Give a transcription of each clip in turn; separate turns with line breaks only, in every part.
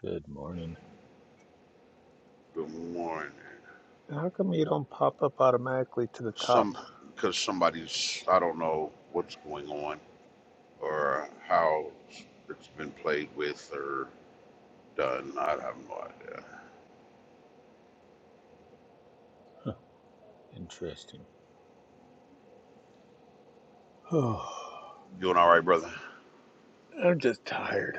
Good morning.
Good morning.
How come you don't pop up automatically to the top?
Some because somebody's I don't know what's going on or how it's been played with or done. I have no idea.
Huh, Interesting. Oh,
Doing all right, brother.
I'm just tired.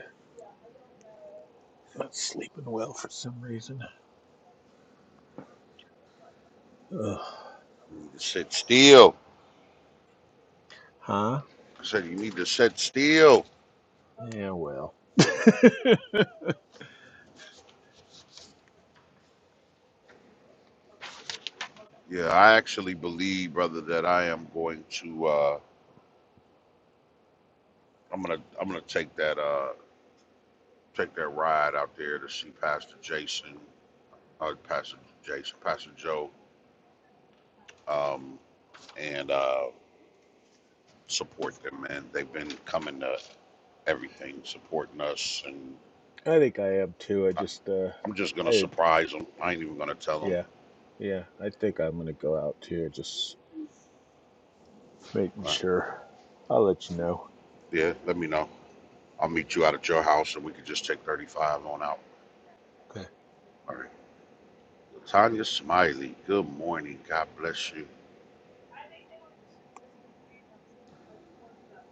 Not sleeping well for some reason. Ugh.
You need to sit still.
Huh?
I said you need to sit still.
Yeah, well. I
Yeah, I actually believe, brother, that I am going to. Uh, I'm gonna. I'm gonna take that. Uh, take that ride out there to see Pastor Jason. Uh, Pastor Jason. Pastor Joe. Um, and uh, support them, man. They've been coming to everything, supporting us, and
think I am too. I
I,
just, uh,
I'm just gonna
I,
surprise them. I ain't even gonna tell them.
yeah, yeah. I think I'm gonna go out too. Just making
Uh,
sure. I'll let you know.
yeah, let me know. I'll meet you out at your house, and we can just take 35 on out.
Okay.
All right. Tanya Smiley, good morning. God bless you.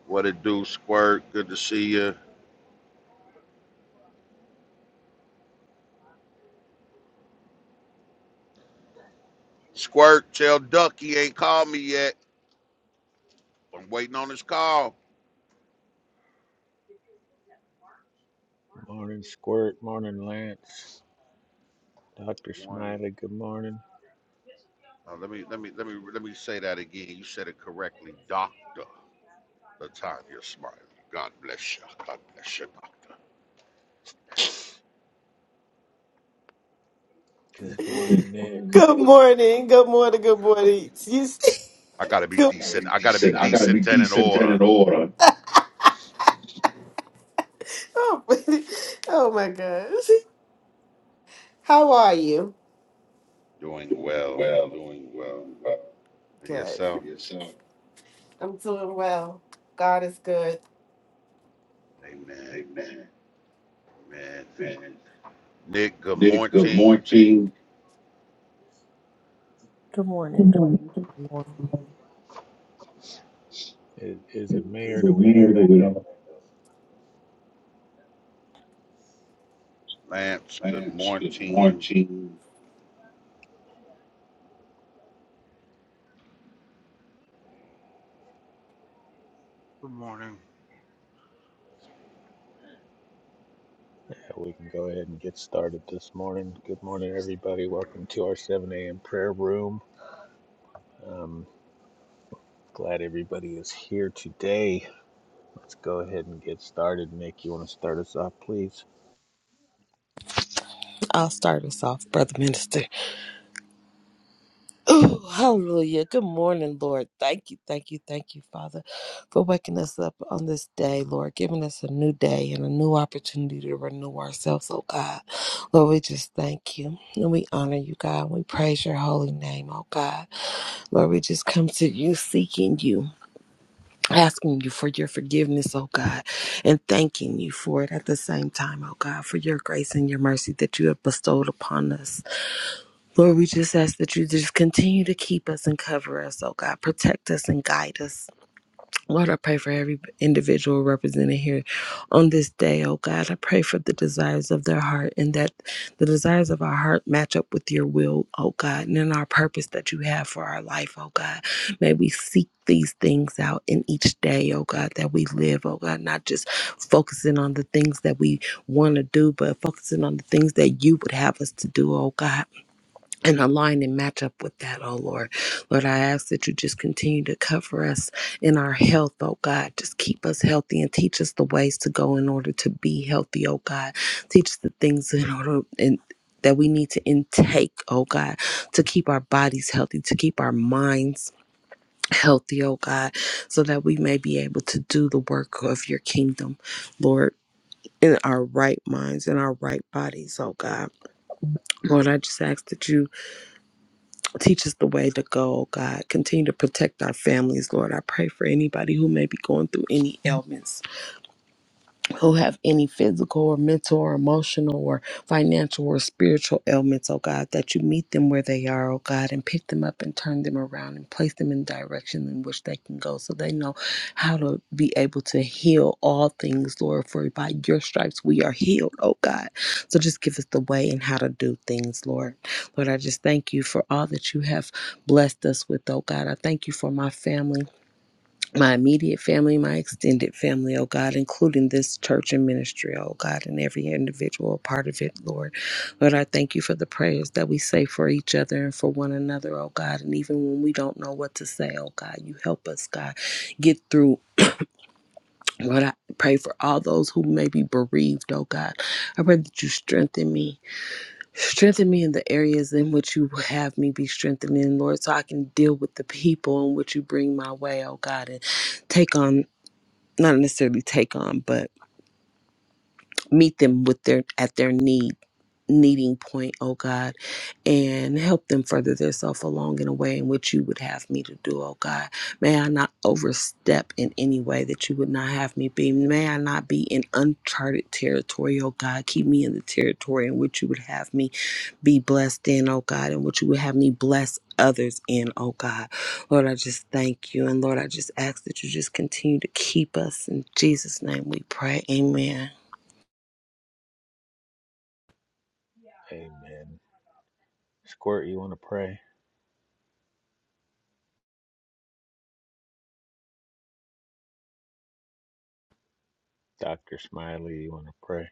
What it do, Squirt? Good to see you. Squirt, tell Ducky ain't called me yet. I'm waiting on his call.
Morning, Squirt. Morning, Lance. Doctor
Morning.
Smiley. Good morning.
Uh, let me let me let me let me say that again. You said it correctly, Doctor. Latanya Smiley. God bless you. God bless you, Doctor.
Good morning, Nick.
Good morning. Good morning. Good morning. You see,
I gotta be
good
decent. I gotta be decent and in order.
Oh, oh my gosh. How are you?
Doing well. Doing well. And
Good.
yourself?
I'm doing well. God is good.
Amen. Amen. Nick, good morning.
Good
Good
morning. Good
morning.
morning.
Is, is it me or do we have an echo?
Lance, good morning.
Good morning,
We can go ahead and get started this morning. Good morning, everybody.
Morning.
Welcome to our 7 a.m. prayer room. Um, glad everybody is here today. Let's go ahead and get started. Nick, you want to start us off, please?
I'll start us off, Brother Minister. Oh, hallelujah. Good morning, Lord. Thank you, thank you, thank you, Father, for waking us up on this day, Lord, giving us a new day and a new opportunity to renew ourselves, oh God. Lord, we just thank you and we honor you, God. We praise your holy name, oh God. Lord, we just come to you seeking you. asking you for your forgiveness, oh God, and thanking you for it at the same time, oh God, for your grace and your mercy that you have bestowed upon us. Lord, we just ask that you just continue to keep us and cover us, oh God, protect us and guide us. Lord, I pray for every individual represented here on this day, oh God. I pray for the desires of their heart and that the desires of our heart match up with your will, oh God, and in our purpose that you have for our life, oh God. May we seek these things out in each day, oh God, that we live, oh God, not just focusing on the things that we want to do, but focusing on the things that you would have us to do, oh God and align and match up with that, oh Lord. Lord, I ask that you just continue to cover us in our health, oh God. Just keep us healthy and teach us the ways to go in order to be healthy, oh God. Teach us the things in order and that we need to intake, oh God, to keep our bodies healthy, to keep our minds healthy, oh God, so that we may be able to do the work of your kingdom, Lord, in our right minds, in our right bodies, oh God. Lord, I just ask that you Teach us the way to go, God. Continue to protect our families, Lord. I pray for anybody who may be going through any ailments who have any physical or mental or emotional or financial or spiritual ailments, oh God, that you meet them where they are, oh God, and pick them up and turn them around and place them in direction in which they can go so they know how to be able to heal all things, Lord, for by your stripes we are healed, oh God. So just give us the way and how to do things, Lord. Lord, I just thank you for all that you have blessed us with, oh God. I thank you for my family my immediate family, my extended family, oh God, including this church and ministry, oh God, and every individual part of it, Lord. Lord, I thank you for the prayers that we say for each other and for one another, oh God. And even when we don't know what to say, oh God, you help us, God, get through. Lord, I pray for all those who may be bereaved, oh God. I pray that you strengthen me. Strengthen me in the areas in which you have me be strengthened in, Lord, so I can deal with the people in which you bring my way, oh God, and take on not necessarily take on, but meet them with their at their need needing point oh god and help them further themselves along in a way in which you would have me to do oh god may i not overstep in any way that you would not have me be may i not be in uncharted territory oh god keep me in the territory in which you would have me be blessed in, oh God, and what you would have me bless others in, oh God. Lord, I just thank you. And Lord, I just ask that you just continue to keep us. In Jesus' name we pray. Amen.
Amen. Squirt, you want to pray? Dr. Smiley, you want to pray?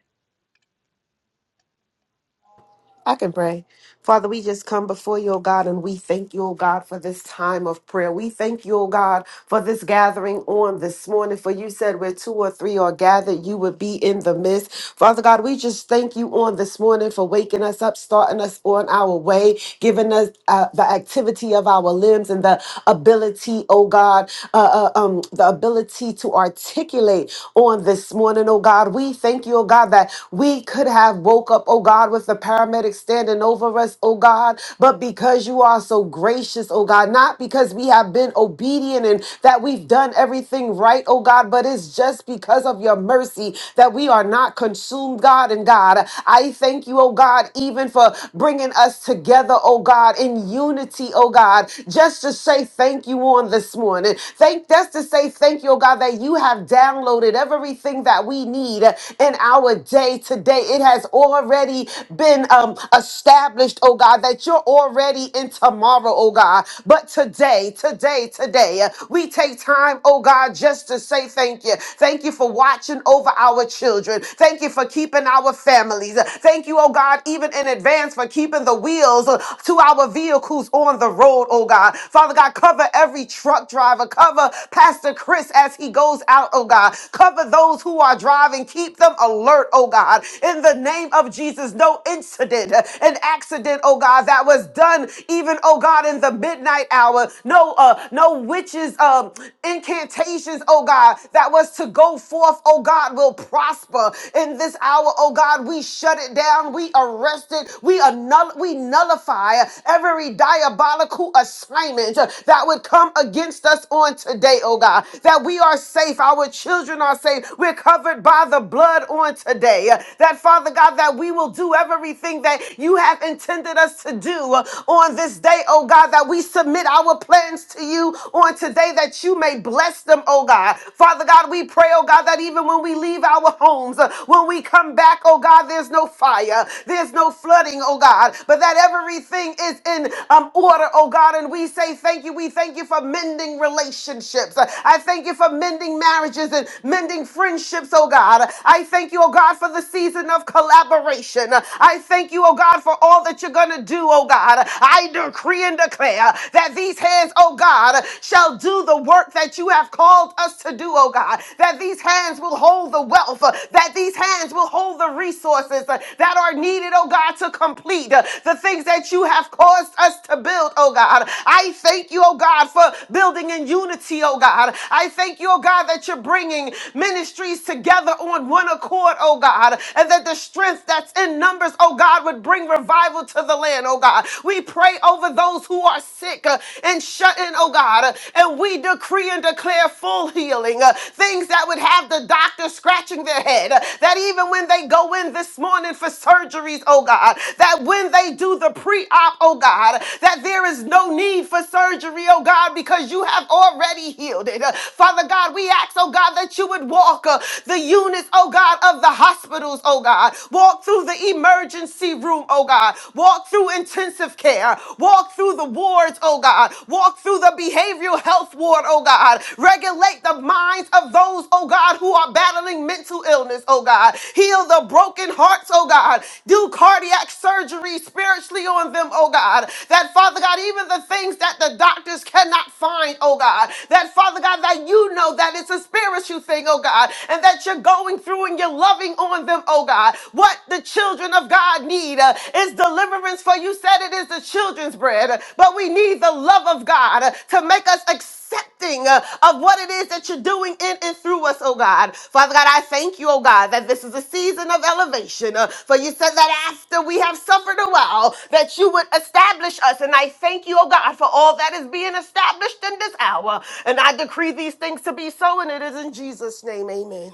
I can pray. Father, we just come before you, O God, and we thank you, O God, for this time of prayer. We thank you, O God, for this gathering on this morning. For you said where two or three are gathered, you would be in the midst. Father God, we just thank you on this morning for waking us up, starting us on our way, giving us uh, the activity of our limbs and the ability, oh God, uh, uh, um, the ability to articulate on this morning, oh God. We thank you, oh God, that we could have woke up, oh God, with the paramedic standing over us, oh God, but because you are so gracious, oh God, not because we have been obedient and that we've done everything right, oh God, but it's just because of your your mercy that we are not consumed, God. And God, I thank you, oh God, even for bringing us together, oh God, in unity, oh God, just to say thank you on this morning. Thank, just to say thank you, oh God, that you have downloaded everything that we need in our day today. It has already been um, established, oh God, that you're already in tomorrow, oh God. But today, today, today, uh, we take time, oh God, just to to say thank you. Thank you for watching over our children. Thank you for keeping our families. Thank you, oh God, even in advance for keeping the wheels uh, to our vehicles on the road, oh God. Father God, cover every truck driver. Cover Pastor Chris as he goes out, oh God. Cover those who are driving. Keep them alert, oh God. In the name of Jesus, no incident, uh, an accident, oh God, that was done even, oh God, in the midnight hour. No, uh, no witches, uh, um, incantations, oh God, that was to go forth, oh God, will prosper in this hour, oh God. We shut it down, we arrest it, we, annul- we nullify every diabolical assignment uh, that would come against us on today, oh God, that we are safe, our children are safe, we're covered by the blood on today. uh, That, Father God, that we will do everything that you have intended us to do uh, on this day, oh God, that we submit our our plans to you on today that you may bless them, oh God. Father God, we pray, oh God, that even when we leave our homes, uh, when we come back, oh God, there's no fire, there's no flooding, oh God, but that everything is in um, order, oh God. And we say thank you. We thank you for mending relationships. Uh, I thank you for mending marriages and mending friendships, oh God. I thank you, oh God, for the season of collaboration. Uh, I thank you, oh God, for all that you're going to do, oh God. I do decree and declare that these hands, oh God, shall do the work that you have called us to do, oh God. That these hands will hold the wealth, uh, that these hands will hold the resources uh, that are needed, oh God, to complete uh, the things that you have caused us to build, oh God. I thank you, oh God, for building in unity, oh God. I thank you, oh God, that you're bringing ministries together on one accord, oh God, and that the strength that's in numbers, oh God, would bring revival travel to the land, oh God. We pray over those who are sick uh, and shut in, oh God. uh, and we decree and declare full healing, uh, things that would have the doctor scratching their head, uh, that even when they go in this morning for surgeries, oh God, that when they do the pre op, oh God, that there is no need for surgery, oh God, because you have already healed it. Uh, Father God, we ask, oh God, that you would walk uh, the units, oh God, of the hospitals, oh God, walk through the the emergency room, oh God. Walk through intensive care. Walk through the wards, oh God. Walk through the behavioral health ward, oh God. Regulate the minds of those, oh God, who are battling mental illness, oh God. Heal the broken hearts, oh God. Do cardiac surgery spiritually on them, oh God. That, Father God, even the things that the doctors cannot find, oh God. That, Father God, that you know that it's a spiritual thing, oh God, and that you're going through and you're loving on on them, oh God. What the children of God need uh, is deliverance, for you said it is the children's bread. Uh, But we need the love of God uh, to make us accepting uh, of what it is that you're doing in and through us, oh God. Father God, I thank you, oh God, that this is a season of elevation. uh, for you said that after we have suffered a while, that you would establish us. And I thank you, oh God, for all that is being established in this hour. And I decree these things to be so, and it is in Jesus' name. Amen.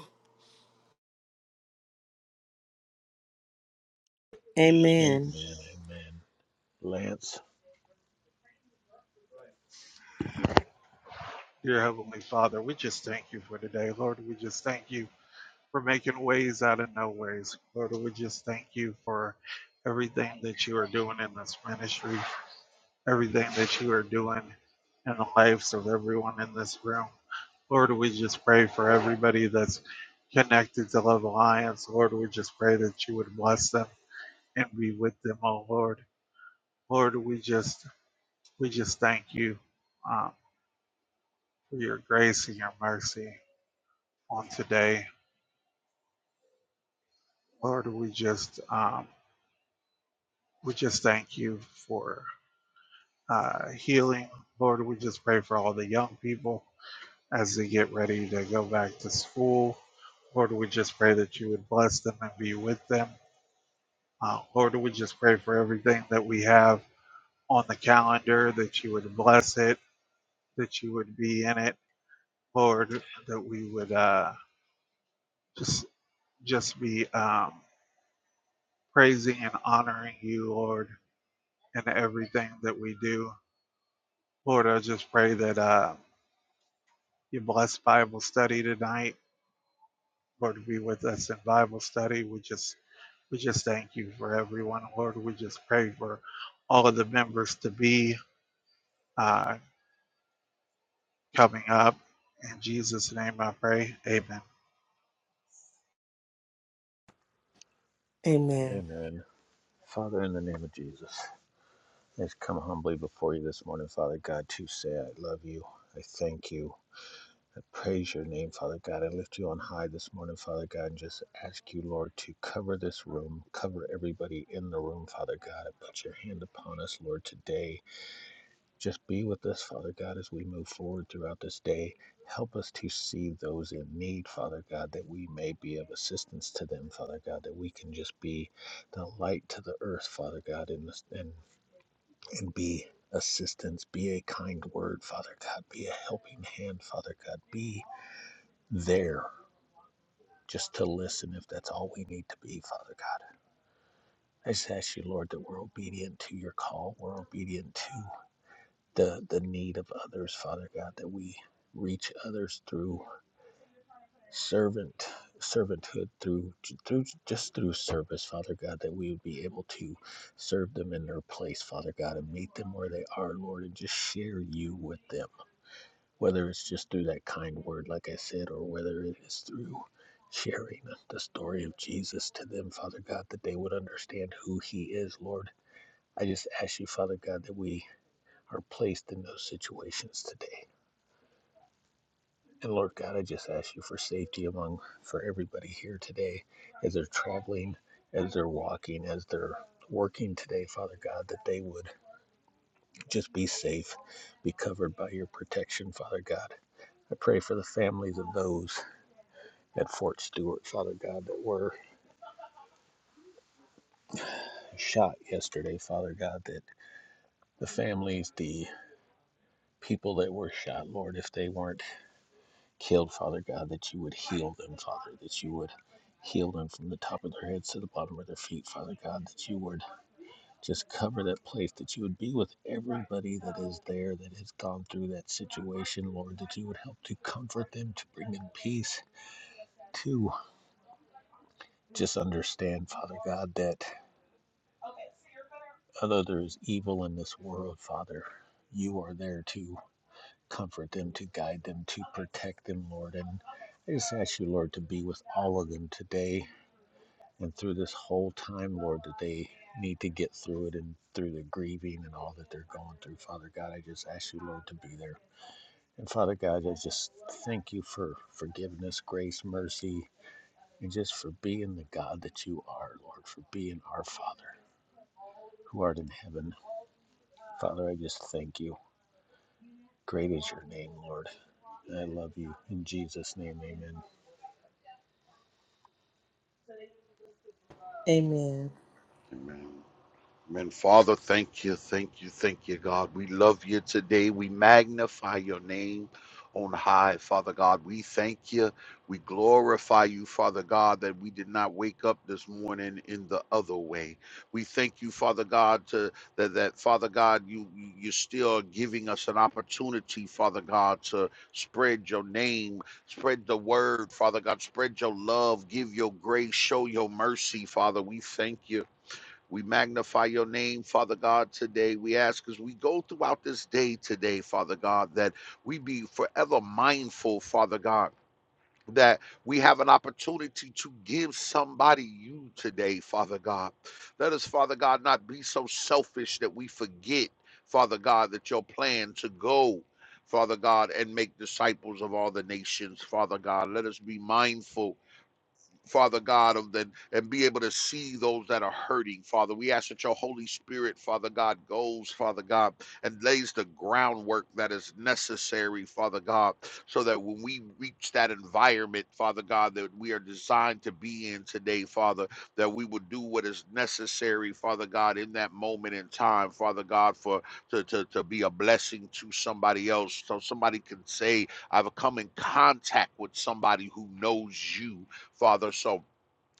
Amen.
Amen.
Amen. Lance,
dear Heavenly Father. We just thank you for today, Lord. We just thank you for making ways out of no ways, Lord. We just thank you for everything that you are doing in this ministry, everything that you are doing in the lives of everyone in this room. Lord, we just pray for everybody that's connected to Love Alliance. Lord, we just pray that you would bless them and be with them, oh Lord. Lord, we just we just thank you um, for your grace and your mercy. on today. Lord, we just um, we just thank you for uh, healing. Lord, we just pray for all the young people as they get ready to go back to school. Lord, we just pray that you would bless them and be with them. Uh, Lord, we just pray for everything that we have on the calendar, that you would bless it, that you would be in it. Lord, that we would uh, just just be um, praising and honoring you, Lord, in everything that we do. Lord, I just pray that uh, you bless Bible study tonight. Lord, be with us in Bible study. We just we just thank you for everyone. Lord, we just pray for all of the members to be uh, coming up. In Jesus' name I pray. Amen.
Amen.
amen. Father, in the name of Jesus, I just come humbly before you this morning, Father God, to say I love you. I thank you. I praise your name, Father God. I lift you on high this morning, Father God, and just ask you, Lord, to cover this room, cover everybody in the room, Father God. Put your hand upon us, Lord, today. Just be with us, Father God, as we move forward throughout this day. Help us to see those in need, Father God, that we may be of assistance to them, Father God, that we can just be the light to the earth, Father God, and, and, and be assistance. Be a kind word, Father God. Be a helping hand, Father God. Be there just to listen if that's all we need to be, Father God. I just ask you, Lord, that we're obedient to your call. We're obedient to the, the need of others, Father God, that we reach others through servant servanthood through through just through service father god that we would be able to serve them in their place father god and meet them where they are lord and just share you with them whether it's just through that kind word, like I said, or whether it is through sharing the story of Jesus to them, Father God, that they would understand who He is, Lord. I just ask you, Father God, that we are placed in those situations today. And Lord God, I just ask you for safety among for everybody here today as they're traveling, as they're walking, as they're working today, Father God, that they would just be safe, be covered by your protection, Father God. I pray for the families of those at Fort Stewart, Father God, that were shot yesterday, Father God, that the families, the people that were shot, Lord, if they weren't killed, Father God, that you would heal them, Father, that you would heal them from the top of their heads to the bottom of their feet, Father God, that you would just cover that place, that you would be with everybody that is there that has gone through that situation, Lord, that you would help to comfort them, to bring them peace, to just understand, Father God, that. Although there is evil in this world, Father, you are there to comfort them, to guide them, to protect them, Lord. And I just ask you, Lord, to be with all of them today and through this whole time, Lord, that they need to get through it and through the grieving and all that they're going through. Father God, I just ask you, Lord, to be there. And Father God, I just thank you for forgiveness, grace, mercy, and just for being the God that you are, Lord, for being our Father who art in heaven. Father, I just thank you. Great is your name, Lord. I love you. In Jesus' name, amen.
Amen.
Amen. Amen. Father, thank you, thank you, thank you, God. We love you today. We magnify your name on high, Father God. We thank you. We glorify you, Father God, that we did not wake up this morning in the other way. We thank you, Father God, to that, that Father God, you you- you're still are giving us an opportunity, Father God, to spread your name, spread the word, Father God, spread your love, give your grace, show your mercy, Father. We thank you. We magnify your name, Father God, today. We ask as we go throughout this day today, Father God, that we be forever mindful, Father God. That we have an opportunity to give somebody you today, Father God. Let us, Father God, not be so selfish that we forget, Father God, that your plan to go, Father God, and make disciples of all the nations, Father God. Let us be mindful Father God, of the and be able to see those that are hurting, Father. We ask that your Holy Spirit, Father God, goes, Father God, and lays the groundwork that is necessary, Father God, so that when we reach that environment, Father God, that we are designed to be in today, Father, that we will do what is necessary, Father God, in that moment in time, Father God, for to, to, to be a blessing to somebody else. So somebody can say, I've come in contact with somebody who knows you Father. So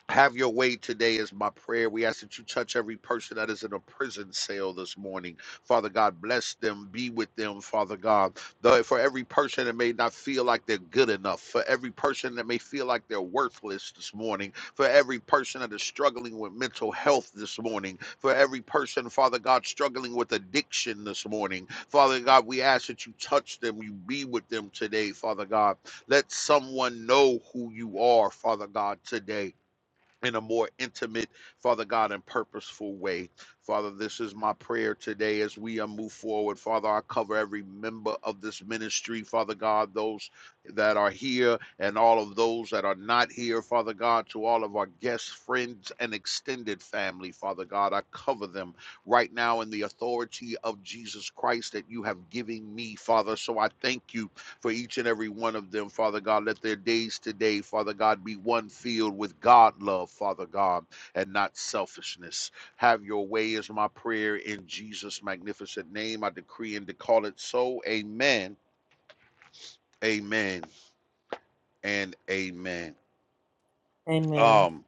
have your way today is my prayer. We ask that you touch every person that is in a prison cell this morning. Father God, bless them, be with them, Father God. Though for every person that may not feel like they're good enough, for every person that may feel like they're worthless this morning, for every person that is struggling with mental health this morning, for every person, Father God, struggling with addiction this morning, Father God, we ask that you touch them, you be with them today, Father God. Let someone know who you are, Father God, today in a more intimate, Father God, and purposeful way. Father, this is my prayer today as we uh, move forward. Father, I cover every member of this ministry, Father God, those that are here and all of those that are not here, Father God, to all of our guests, friends, and extended family, Father God. I cover them right now in the authority of Jesus Christ that you have given me, Father. So I thank you for each and every one of them, Father God. Let their days today, Father God, be one filled with God love, Father God, and not selfishness. Have your way is my prayer in Jesus' magnificent name. I decree and declare it so. Amen. Amen and amen.
Amen.
Um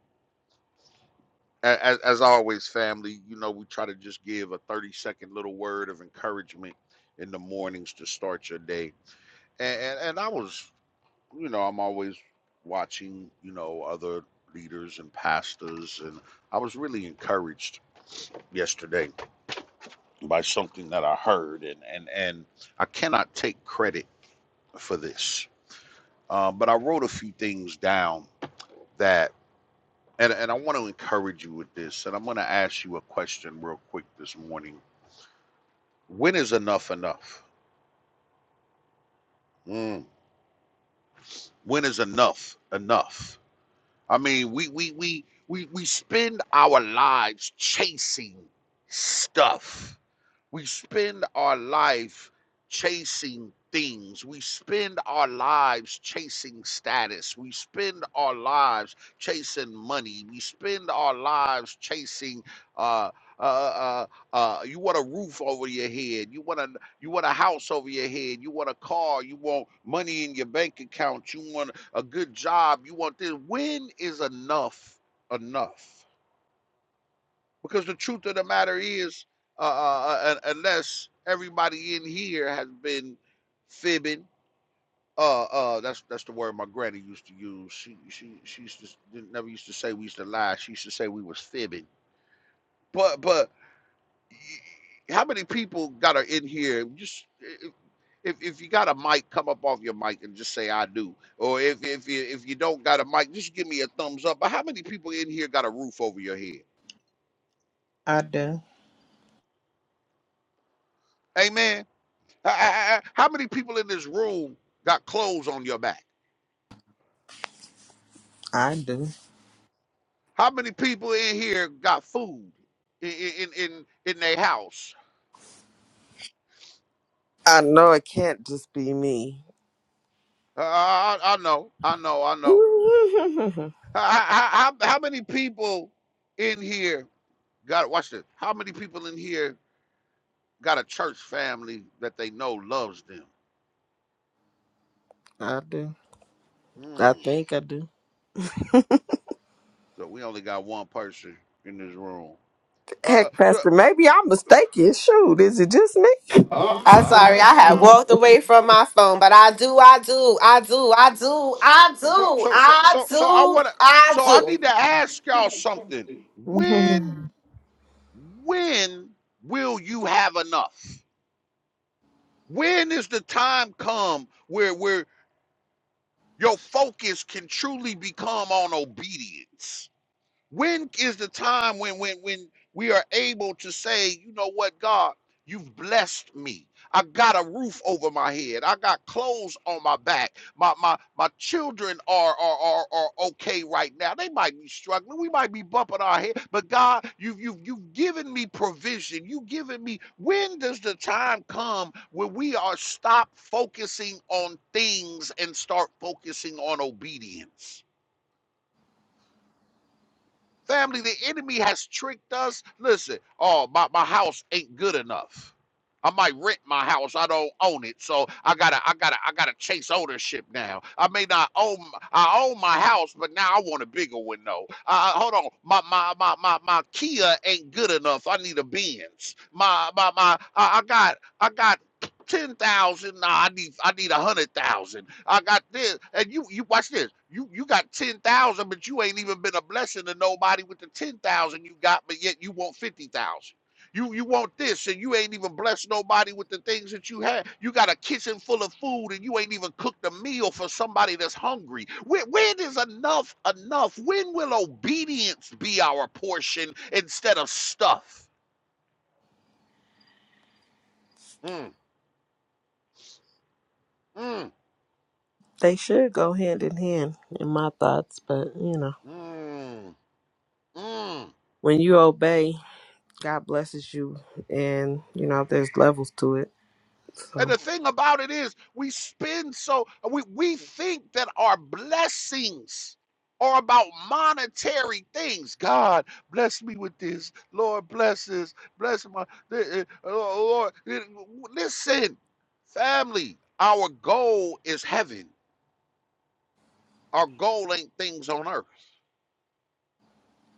as, as always, family, you know, we try to just give a 30 second little word of encouragement in the mornings to start your day. And, and, and I was you know, I'm always watching, you know, other leaders and pastors and I was really encouraged yesterday by something that I heard and and and I cannot take credit for this. Uh, but I wrote a few things down that and, and I want to encourage you with this and I'm going to ask you a question real quick this morning. When is enough enough? Mm. When is enough enough? I mean, we we we we we spend our lives chasing stuff. We spend our life chasing things. We spend our lives chasing status. We spend our lives chasing money. We spend our lives chasing. Uh, uh, uh, uh, you want a roof over your head. You want a you want a house over your head. You want a car. You want money in your bank account. You want a good job. You want this. When is enough enough? Because the truth of the matter is, uh, uh, uh, unless everybody in here has been fibbing, uh, uh, that's that's the word my granny used to use. She she she used to never used to say we used to lie. She used to say we was fibbing. But but how many people got her in here? Just if, if if you got a mic, come up off your mic and just say I do. Or if if you if you don't got a mic, just give me a thumbs up. But how many people in here got a roof over your head?
I do.
Amen. I- I- I- How many people in this room got clothes on your back?
I do.
How many people in here got food in in in, in their house?
I know it can't just be me.
Uh, I, I know, I know, I know.
I
How, how, how many people in here got watch this? How many people in here got a church family that they know loves them?
do. I
Mm.
think I do.
So we only got one person in this room. Uh,
Heck,
uh,
Pastor, maybe I'm mistaken. Shoot, is it just me?
I'm sorry,
I
I
don't
have
know.
walked away from my phone, but I do, I do, I do, I do, I
So
do,
so so
I
so so I
do,
wanna
I
so I need to ask y'all something.
Mhm.
When when will you have enough? When is the time come where where your focus can truly become on obedience? When is the time when when when we are able to say, you know what, God, you've blessed me. I got a roof over my head. I got clothes on my back. My my my children are are are, are okay right now. They might be struggling. We might be bumping our head. But God, you've you've you've given me provision. You've given me. When does the time come when we are stop focusing on things and start focusing on obedience? Family, the enemy has tricked us. Listen, oh, my, my house ain't good enough. I might rent my house. I don't own it, so I gotta, I gotta, I gotta chase ownership now. I may not own, I own my house, but now I want a bigger window. Uh, hold on, my my my my my Kia ain't good enough. I need a Benz. My my my, I I got I got ten thousand. Nah, I need I need a hundred thousand. I got this, and you you watch this. You you got ten thousand, but you ain't even been a blessing to nobody with the ten thousand you got, but yet you want fifty thousand. You you want this, and you ain't even blessed nobody with the things that you have. You got a kitchen full of food, and you ain't even cooked a meal for somebody that's hungry. When, when is enough enough? When will obedience be our portion instead of stuff? Mm, mm,
they should go hand in hand in my thoughts, but you know,
mm, mm.
when you obey, God blesses you and you know, there's levels to it.
And
So
the thing about it is, we spend so we we think that our blessings are about monetary things. God bless me with this. Lord bless this. Bless my uh, Lord. uh, Listen, family. Our goal is heaven. Our goal ain't things on earth.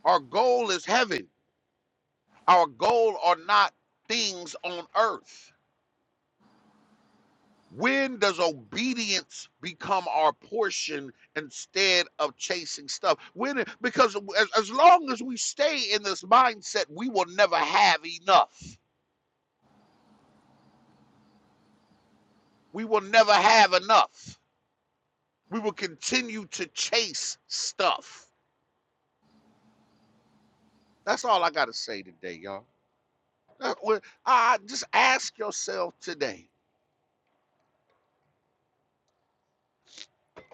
Our goal is heaven. Our goal are not things on earth. When does obedience become our portion instead of chasing stuff? When because as, as long as we stay in this mindset, we will never have enough. We will never have enough. We will continue to chase stuff. That's all I got to say today, y'all. That- well, I just ask yourself today: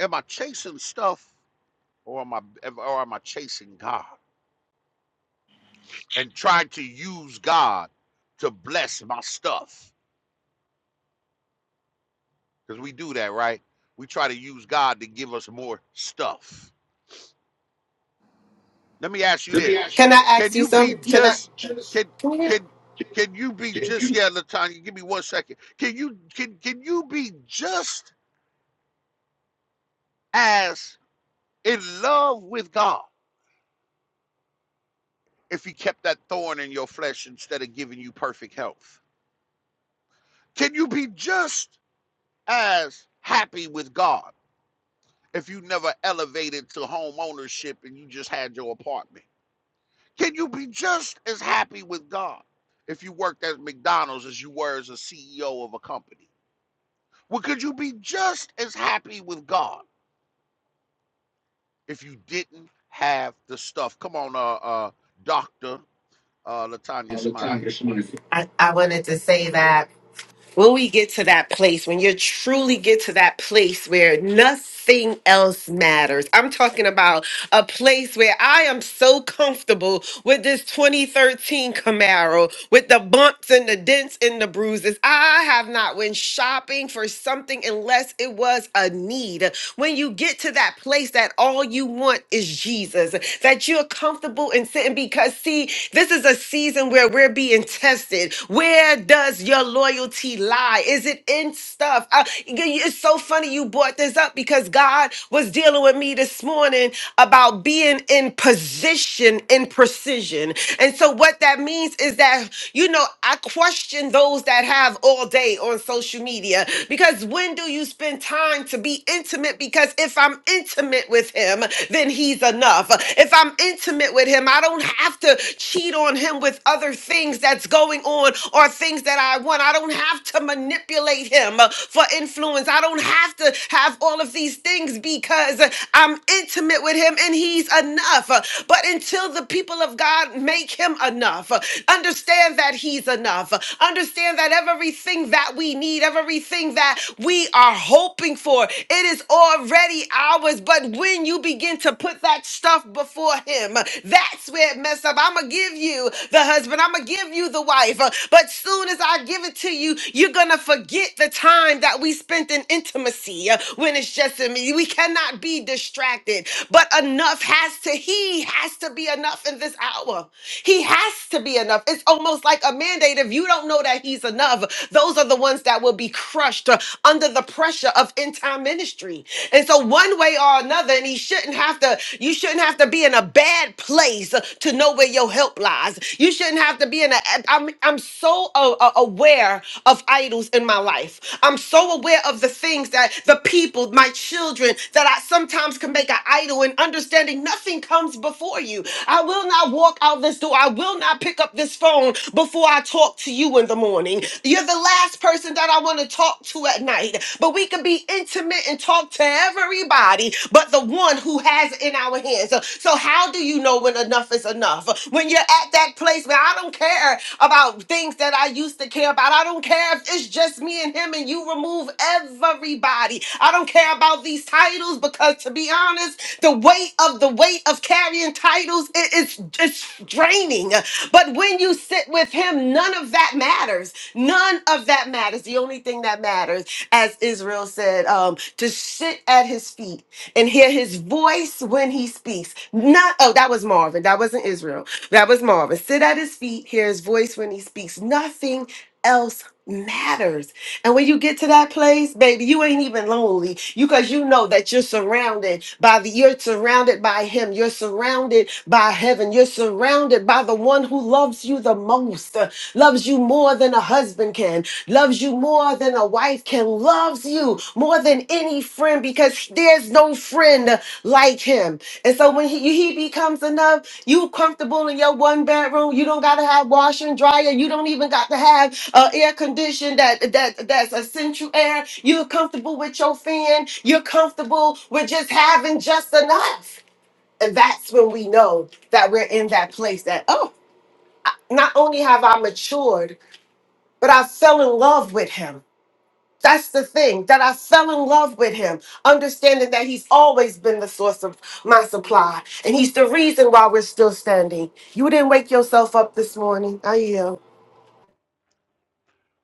Am I chasing stuff, or am I or am I chasing God and trying to use God to bless my stuff? Because we do that, right? We try to use God to give us more stuff. Let me ask you this.
do. Can I
Can
ask you
you be
something? Can
just can
I?
can can you be just yeah, Latanya, give me one second. Can you can can you be just as in love with God if he kept that thorn in your flesh instead of giving you perfect health? Can you be just as happy with God if you never elevated to home ownership and you just had your apartment? Can you be just as happy with God if you worked at McDonald's as you were as a CEO of a company? Well, could you be just as happy with God if you didn't have the stuff? Come on, uh, uh, Doctor uh, Latanya Smiley.
I, I wanted to say that. when we get to that place, when you truly get to that place where nothing else matters, I'm talking about a place where I am so comfortable with this 2013 Camaro, with the bumps and the dents and the bruises. I have not went shopping for something unless it was a need. When you get to that place that all you want is Jesus, that you're comfortable in sitting because see, this is a season where we're being tested. Where does your loyalty lie? Is it in stuff? I- it's so funny you brought this up because God was dealing with me this morning about being in position in precision. And so, what that means is that, you know, I question those that have all day on social media because when do you spend time to be intimate? Because if I'm intimate with Him, then He's he's enough. If I'm intimate with him, I don't have to cheat on him with other things that's going on or things that I want. I don't have to manipulate him uh, for influence. I don't have to have all of these things because uh, I'm intimate with him and he's enough. Uh, But until the people of God make him enough, uh, understand that he's enough. Uh, Understand that everything that we need, everything that we are hoping hoping for. It is already ours. But when you begin to put that stuff before Him, that's where it messed up. I'm going to give you the husband, I'm going to give you the wife. Uh, But soon as I give it to you, you're going to forget the time that we spent in intimacy uh, when it's just in me. We cannot be distracted. But enough has to, He has to be enough in this hour. He has to be enough. It's almost like a mandate. If you don't know that He's enough, these enough, those are the ones that will be crushed uh, under the pressure of end time ministry. And so, one way or another, and he shouldn't have to, you shouldn't have to be in a bad place uh, to know where your help lies. You shouldn't have to be in a, I'm, I'm so uh, uh, aware of idols in my life. I'm so aware of the things that the people, my children, that I sometimes can make an idol and understanding nothing comes before you. I will not walk out of this door. I will not pick up this phone before I talk to you in the morning. You're the last person that I want to talk to at night. But we can be intimate and talk to everybody but the one who has it in our hands. So, so how do you know when enough is enough? When you're at that place where I don't care about things that I used to care about. I don't care if it's just me and him and you remove everybody. I don't care about these titles because to be honest, the weight of the weight of carrying titles, it- it's it's draining. But when you sit with him, none of that matters. None of that matters. The only thing that matters, as Israel said, um, to sit at his feet and hear his voice when he speaks. Not oh, that was Marvin. That wasn't Israel. That was Marvin. Sit at his feet, hear his voice when he speaks. Nothing else matters. And when you get to that place, baby, you ain't even lonely. You cause you know that you're surrounded by the you're surrounded by him. You're surrounded by heaven. You're surrounded by the one who loves you the most, uh, loves you more than a husband can, loves you more than a wife can, loves you more than any friend because there's no friend like him. And so when he, he becomes enough you comfortable in your one bedroom. You don't gotta have washer and dryer. You don't even got to have uh, air condition that that that's a central air. You're comfortable with your fan. You're comfortable with just having just enough. And that's when we know that we're in that place that oh, not only have I matured, but I fell in love with him. That's the thing that I fell in love with him, understanding that he's always been the source of my supply, and he's the reason why we're still standing. You didn't wake yourself up this morning. I am.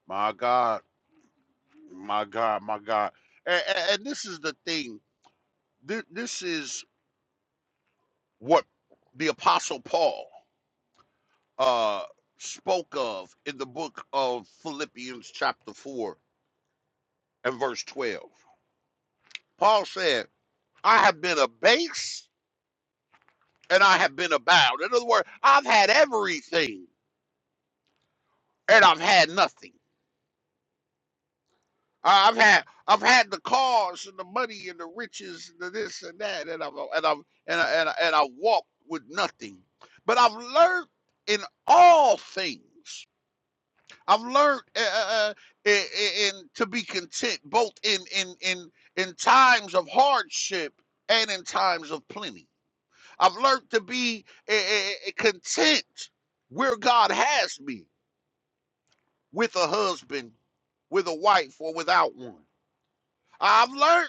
My God, my God, my God. And, and this is the thing. Th- This is what the Apostle Paul uh, spoke of in the book of Philippians, chapter four and verse twelve. Paul said, I have been abased and I have been abound. In other words, I've had everything and I've had nothing. I- I've had I've had the cars and the money and the riches and the this and that and I've and I've and I, and I, and I walked with nothing. But I've learned in all things. I've learned uh, uh, uh, in, in to be content both in in in in times of hardship and in times of plenty. I've learned to be eh, eh, eh, eh, content where God has me with a husband, with a wife, or without one. I've learned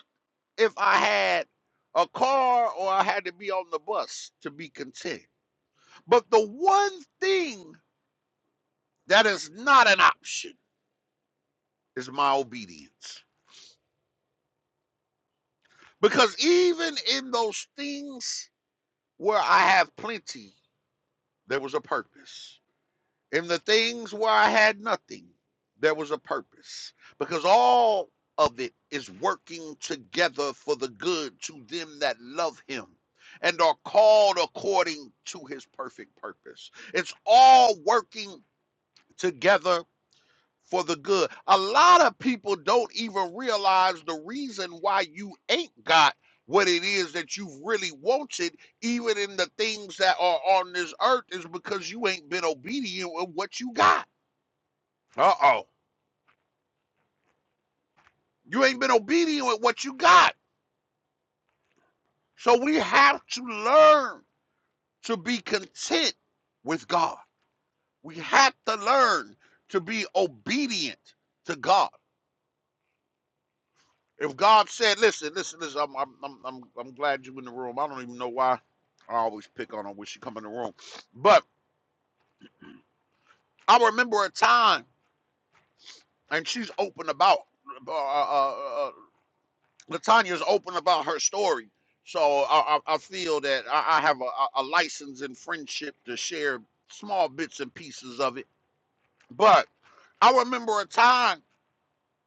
if I had a car or I had to be on the bus to be content. But the one thing that is not an option is my obedience. Because even in those things where I have plenty, there was a purpose. In the things where I had nothing, there was a purpose. Because all of it is working together for the good to them that love him and are called according to his perfect purpose. It's all working together for the good. A lot of people don't even realize the reason why you ain't got what it is that you've really wanted even in the things that are on this earth is because you ain't been obedient with what you got. Uh oh. You ain't been obedient with what you got. So we have to learn to be content with God. We have to learn to be obedient to God. If God said, listen, listen, listen, I'm, I'm, I'm, I'm, I'm glad you are in the room. I don't even know why I always pick on her when she come in the room. But I remember a time, and she's open about uh, uh, uh, uh, Latanya's open about her story, so I, I, I feel that I, I have a, a license and friendship to share small bits and pieces of it. But I remember a time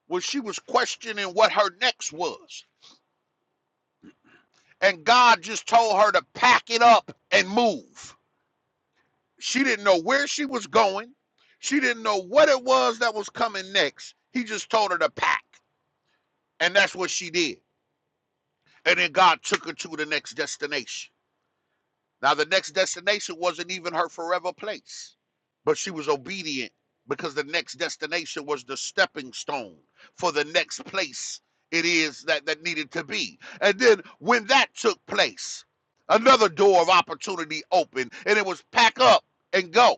when she was questioning what her next was, and God just told her to pack it up and move. She didn't know where she was going. She didn't know what it was that was coming next. He just told her to pack, and that's what she did. And then God took her to the next destination. Now, the next destination wasn't even her forever place, but she was obedient because the next destination was the stepping stone for the next place it is that, that needed to be. And then when that took place, another door of opportunity opened, and it was pack up and go.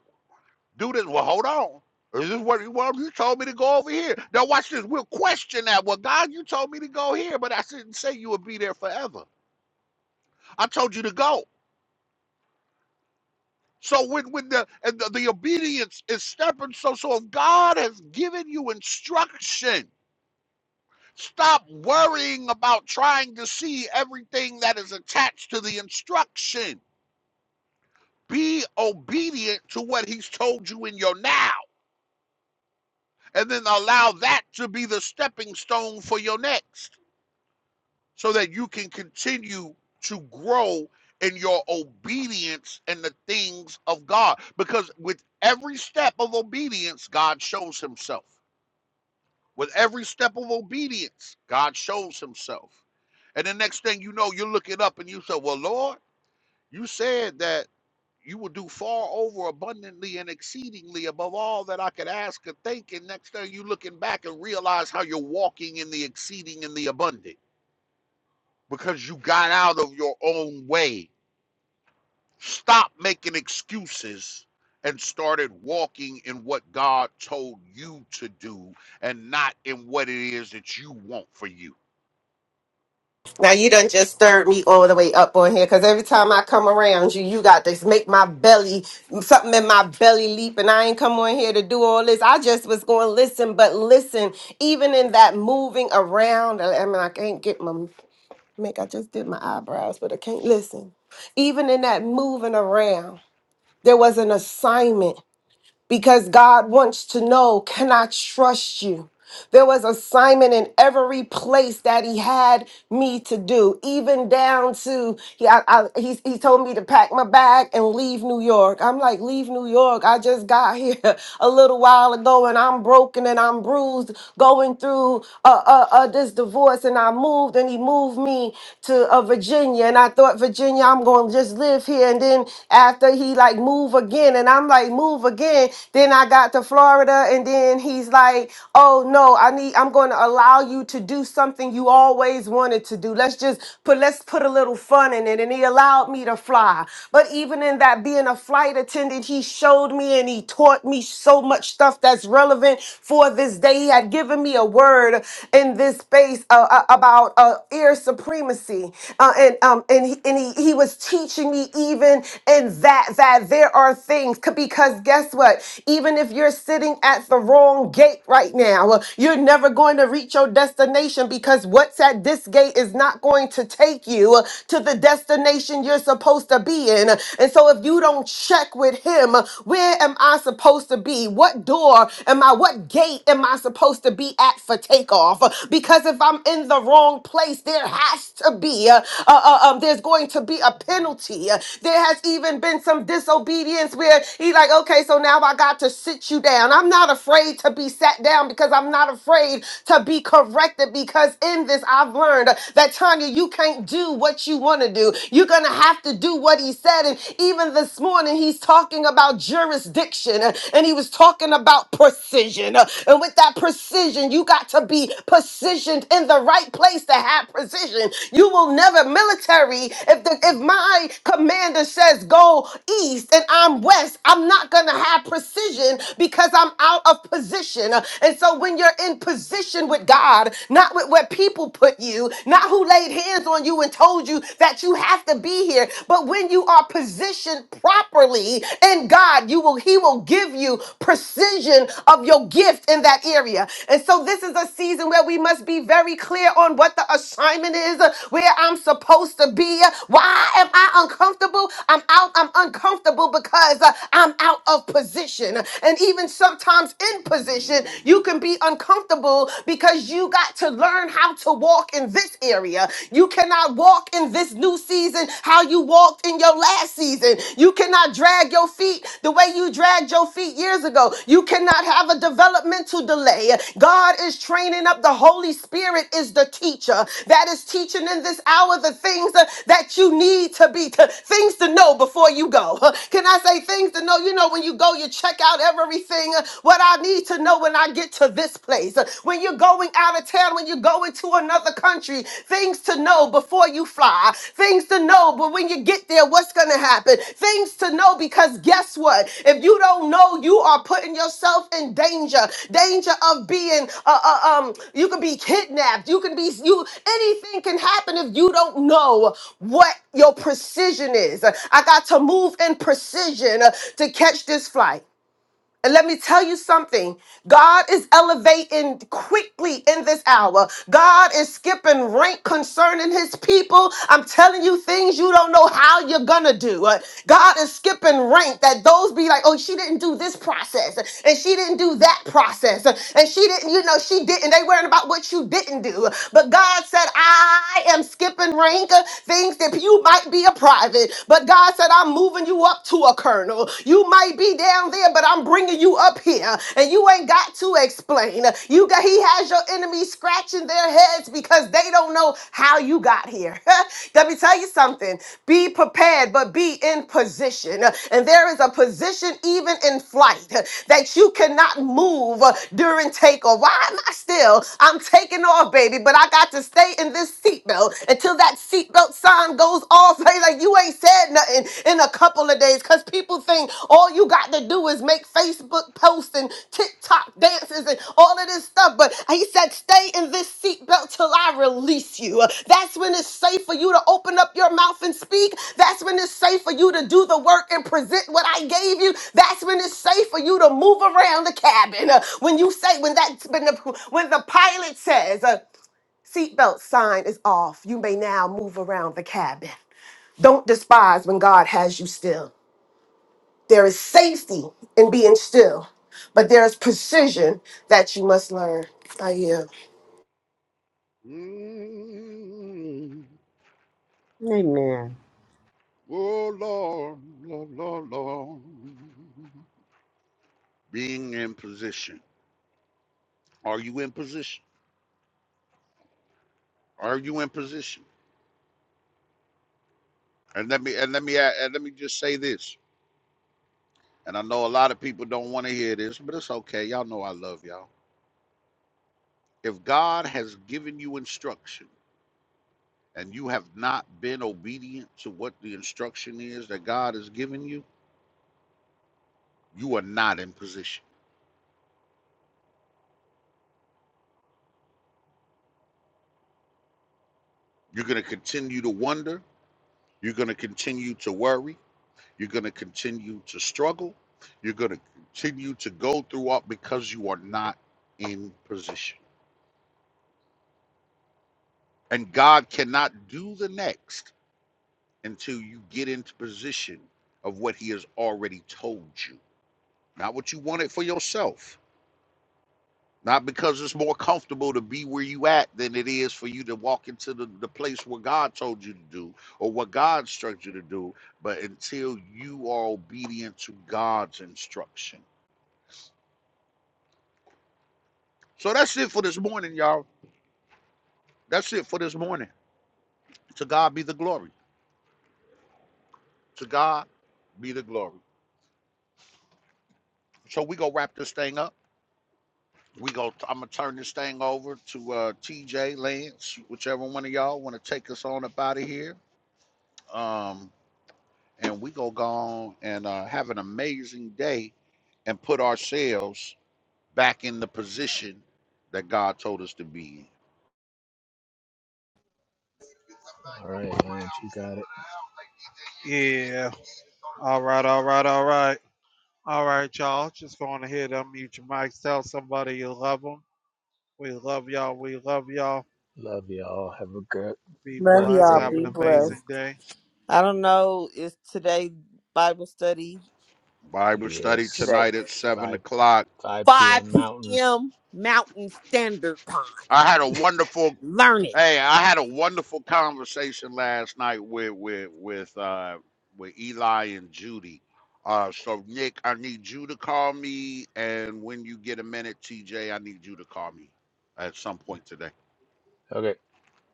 Do this. Well, hold on. Is this what well, you told me to go over here? Now watch this. We'll question that. Well, God, you told me to go here, but I didn't say you would be there forever. I told you to go. So when when the and the, the obedience is stepping, so so if God has given you instruction, stop worrying about trying to see everything that is attached to the instruction. Be obedient to what He's told you in your now, and then allow that to be the stepping stone for your next. so that you can continue to grow in your obedience and the things of God. Because with every step of obedience, God shows himself. With every step of obedience, God shows himself. And the next thing you know, you're looking up and you say, Well, Lord, you said that you will do far over abundantly and exceedingly above all that I could ask or think. And next thing you are looking back and realize how you're walking in the exceeding and the abundant because you got out of your own way. Stop making excuses and started walking in what God told you to do and not in what it is that you want for you.
Now you done just stirred me all the way up on here, cause every time I come around you, you got this make my belly something in my belly leap, and I ain't come on here to do all this. I just was going to listen, but listen, even in that moving around, I mean, I can't get my Mick, I just did my eyebrows, but I can't listen. Even in that moving around, there was an assignment because God wants to know, can I trust you? There was assignment in every place that he had me to do, even down to he, I, I, he, he told me to pack my bag and leave New York. I'm like, leave New York. I just got here a little while ago and I'm broken and I'm bruised going through uh, uh, uh, this divorce. And I moved and he moved me to uh, Virginia. And I thought, Virginia, I'm going to just live here. And then after he like move again and I'm like, move again. Then I got to Florida and then he's like, oh, oh no i need i'm going to allow you to do something you always wanted to do let's just put let's put a little fun in it and he allowed me to fly but even in that being a flight attendant he showed me and he taught me so much stuff that's relevant for this day he had given me a word in this space uh, uh, about uh, air supremacy uh, and um and he, and he, he was teaching me even in that that there are things c- because guess what even if you're sitting at the wrong gate sick right now. Well, You're never going to reach your destination because what's at this gate is not going to take you to the destination you're supposed to be in. And so if you don't check with him, where am I supposed to be? What door am I? What gate am I supposed to be at for takeoff? Because if I'm in the wrong place, there has to be uh, uh, um, there's going to be a penalty. There has even been some disobedience where he's like, okay, so now I got to sit you down. I'm not afraid afraid to be sat down because I'm not afraid to be corrected because in this I've learned that Tanya, you can't do what you want to do. You're going to have to do what he said. And even this morning, he's talking about jurisdiction uh, and he was talking about precision. Uh, And with that precision, you got to be positioned in the right place to have precision. You will never military. If the, if my commander says go east and I'm west, I'm not going to have precision because I'm out out of position. And so when you're in position with God, not with where people put you, not who laid hands on you and told you that you have to be here, but when you are positioned properly in God, you will he will give you precision of your gift in that area. And so this is a season where we must be very clear on what the assignment is, where I'm supposed to be. Why am I uncomfortable? I'm out I'm uncomfortable because uh, I'm out of position. And even sometimes in position,
Mm,
you can be uncomfortable because you got to learn how to walk in this area. You cannot walk in this new season how you walked in your last season. You cannot drag your feet the way you dragged your feet years ago. You cannot have a developmental delay. God is training up. The Holy Spirit is the teacher that is teaching in this hour the things uh, that you need to be, to, things to know before you go. Can I say things to know? You know, when you go, you check out everything everything uh, what I need to know when I get to this place. Uh, When you're going out of town, when you're going to another country, things to know before you fly, things to know, but when you get there, what's going to happen? Things to know because guess what? If you don't know, you are putting yourself in danger, danger of being, uh, uh, um, you can be kidnapped, you can be, you, anything can happen if you don't know what your precision is. I got to move in precision uh, to catch this flight. And let me tell you something. God is elevating quickly in this hour. God is skipping rank concerning his people. I'm telling you things you don't know how you're going to do. Uh, God is skipping rank that those be like, oh, she didn't do this process and she didn't do that process and she didn't, you know, she didn't. They worrying about what you didn't do. But God said, I am skipping rank uh, things that you might be a private. But God said, I'm moving moving you up to a colonel. You might be down there, but I'm bringing you up here, and you ain't got to explain. You got he has your enemies scratching their heads because they don't know how you got here. Let me tell you something. Be prepared, but be in position. And there is a position even in flight that you cannot move during takeoff. Why am I still? I'm taking off, baby, but I got to stay in this seatbelt until that seatbelt seatbelt sign goes off, they like you ain't said nothing in a couple of days because people think all you got to do is make Facebook posts and TikTok dances and all of this stuff. But he said, stay in this seatbelt till I release you. That's when it's safe for you to open up your mouth and speak. That's when it's safe for you to do the work and present what I gave you. That's when it's safe for you to move around the cabin. Uh, When you say, when that, when the, when the pilot says, Seatbelt sign is off. You may now move around the cabin. Don't despise when God has you still. There is safety in being still, but there is precision that you must learn. I am.
mm,
Amen.
Oh Lord, Lord, Lord, Lord. Being in position. Are you in position? Are you in position? And let me and let me and let me just say this. And I know a lot of people don't want to hear this, but it's okay. Y'all know I love y'all. If God has given you instruction and you have not been obedient to what the instruction is that God has given you, you are not in position. You're going to continue to wonder. You're going to continue to worry. You're going to continue to struggle. You're going to continue to go through all because you are not in position. And God cannot do the next until you get into position of what he has already told you not what you wanted for yourself not because it's more comfortable to be where you at than it is for you to walk into the, the place where god told you to do or what god instructed you to do but until you are obedient to god's instruction so that's it for this morning y'all that's it for this morning to god be the glory to god be the glory so we gonna wrap this thing up We go. I'm gonna turn this thing over to uh, TJ Lance, whichever one of y'all want to take us on up out of here. Um, and we go go on and uh, have an amazing day and put ourselves back in the position that God told us to be in.
All right, Lance, you got it.
Yeah. All right, all right, all right. All right, y'all. Just going ahead and unmute your mics. Tell somebody you love them. We love y'all. We love y'all.
Love y'all. Have a good,
Be
Love
blessed
blessed.
y'all.
day,
Have an
Be blessed.
amazing
everybody.
day.
I don't know. Is today Bible study?
Bible study
Yes.
Today.
tonight at seven
5
o'clock.
5
5
p.m. Mountain.
p.m. Mountain Standard Time.
I had a wonderful
Learn it.
Hey, I had a wonderful conversation last night with with with uh with Eli and Judy. Uh so Nick, I need you to call me and when you get a minute, TJ, I need you to call me at some point today.
Okay.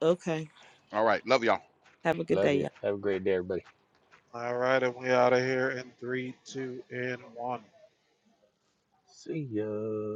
Okay.
All right, love y'all.
Have a good
Love
day, y'all.
you. Have a great day, everybody.
All right, and we out of here in three, two, and one.
See ya.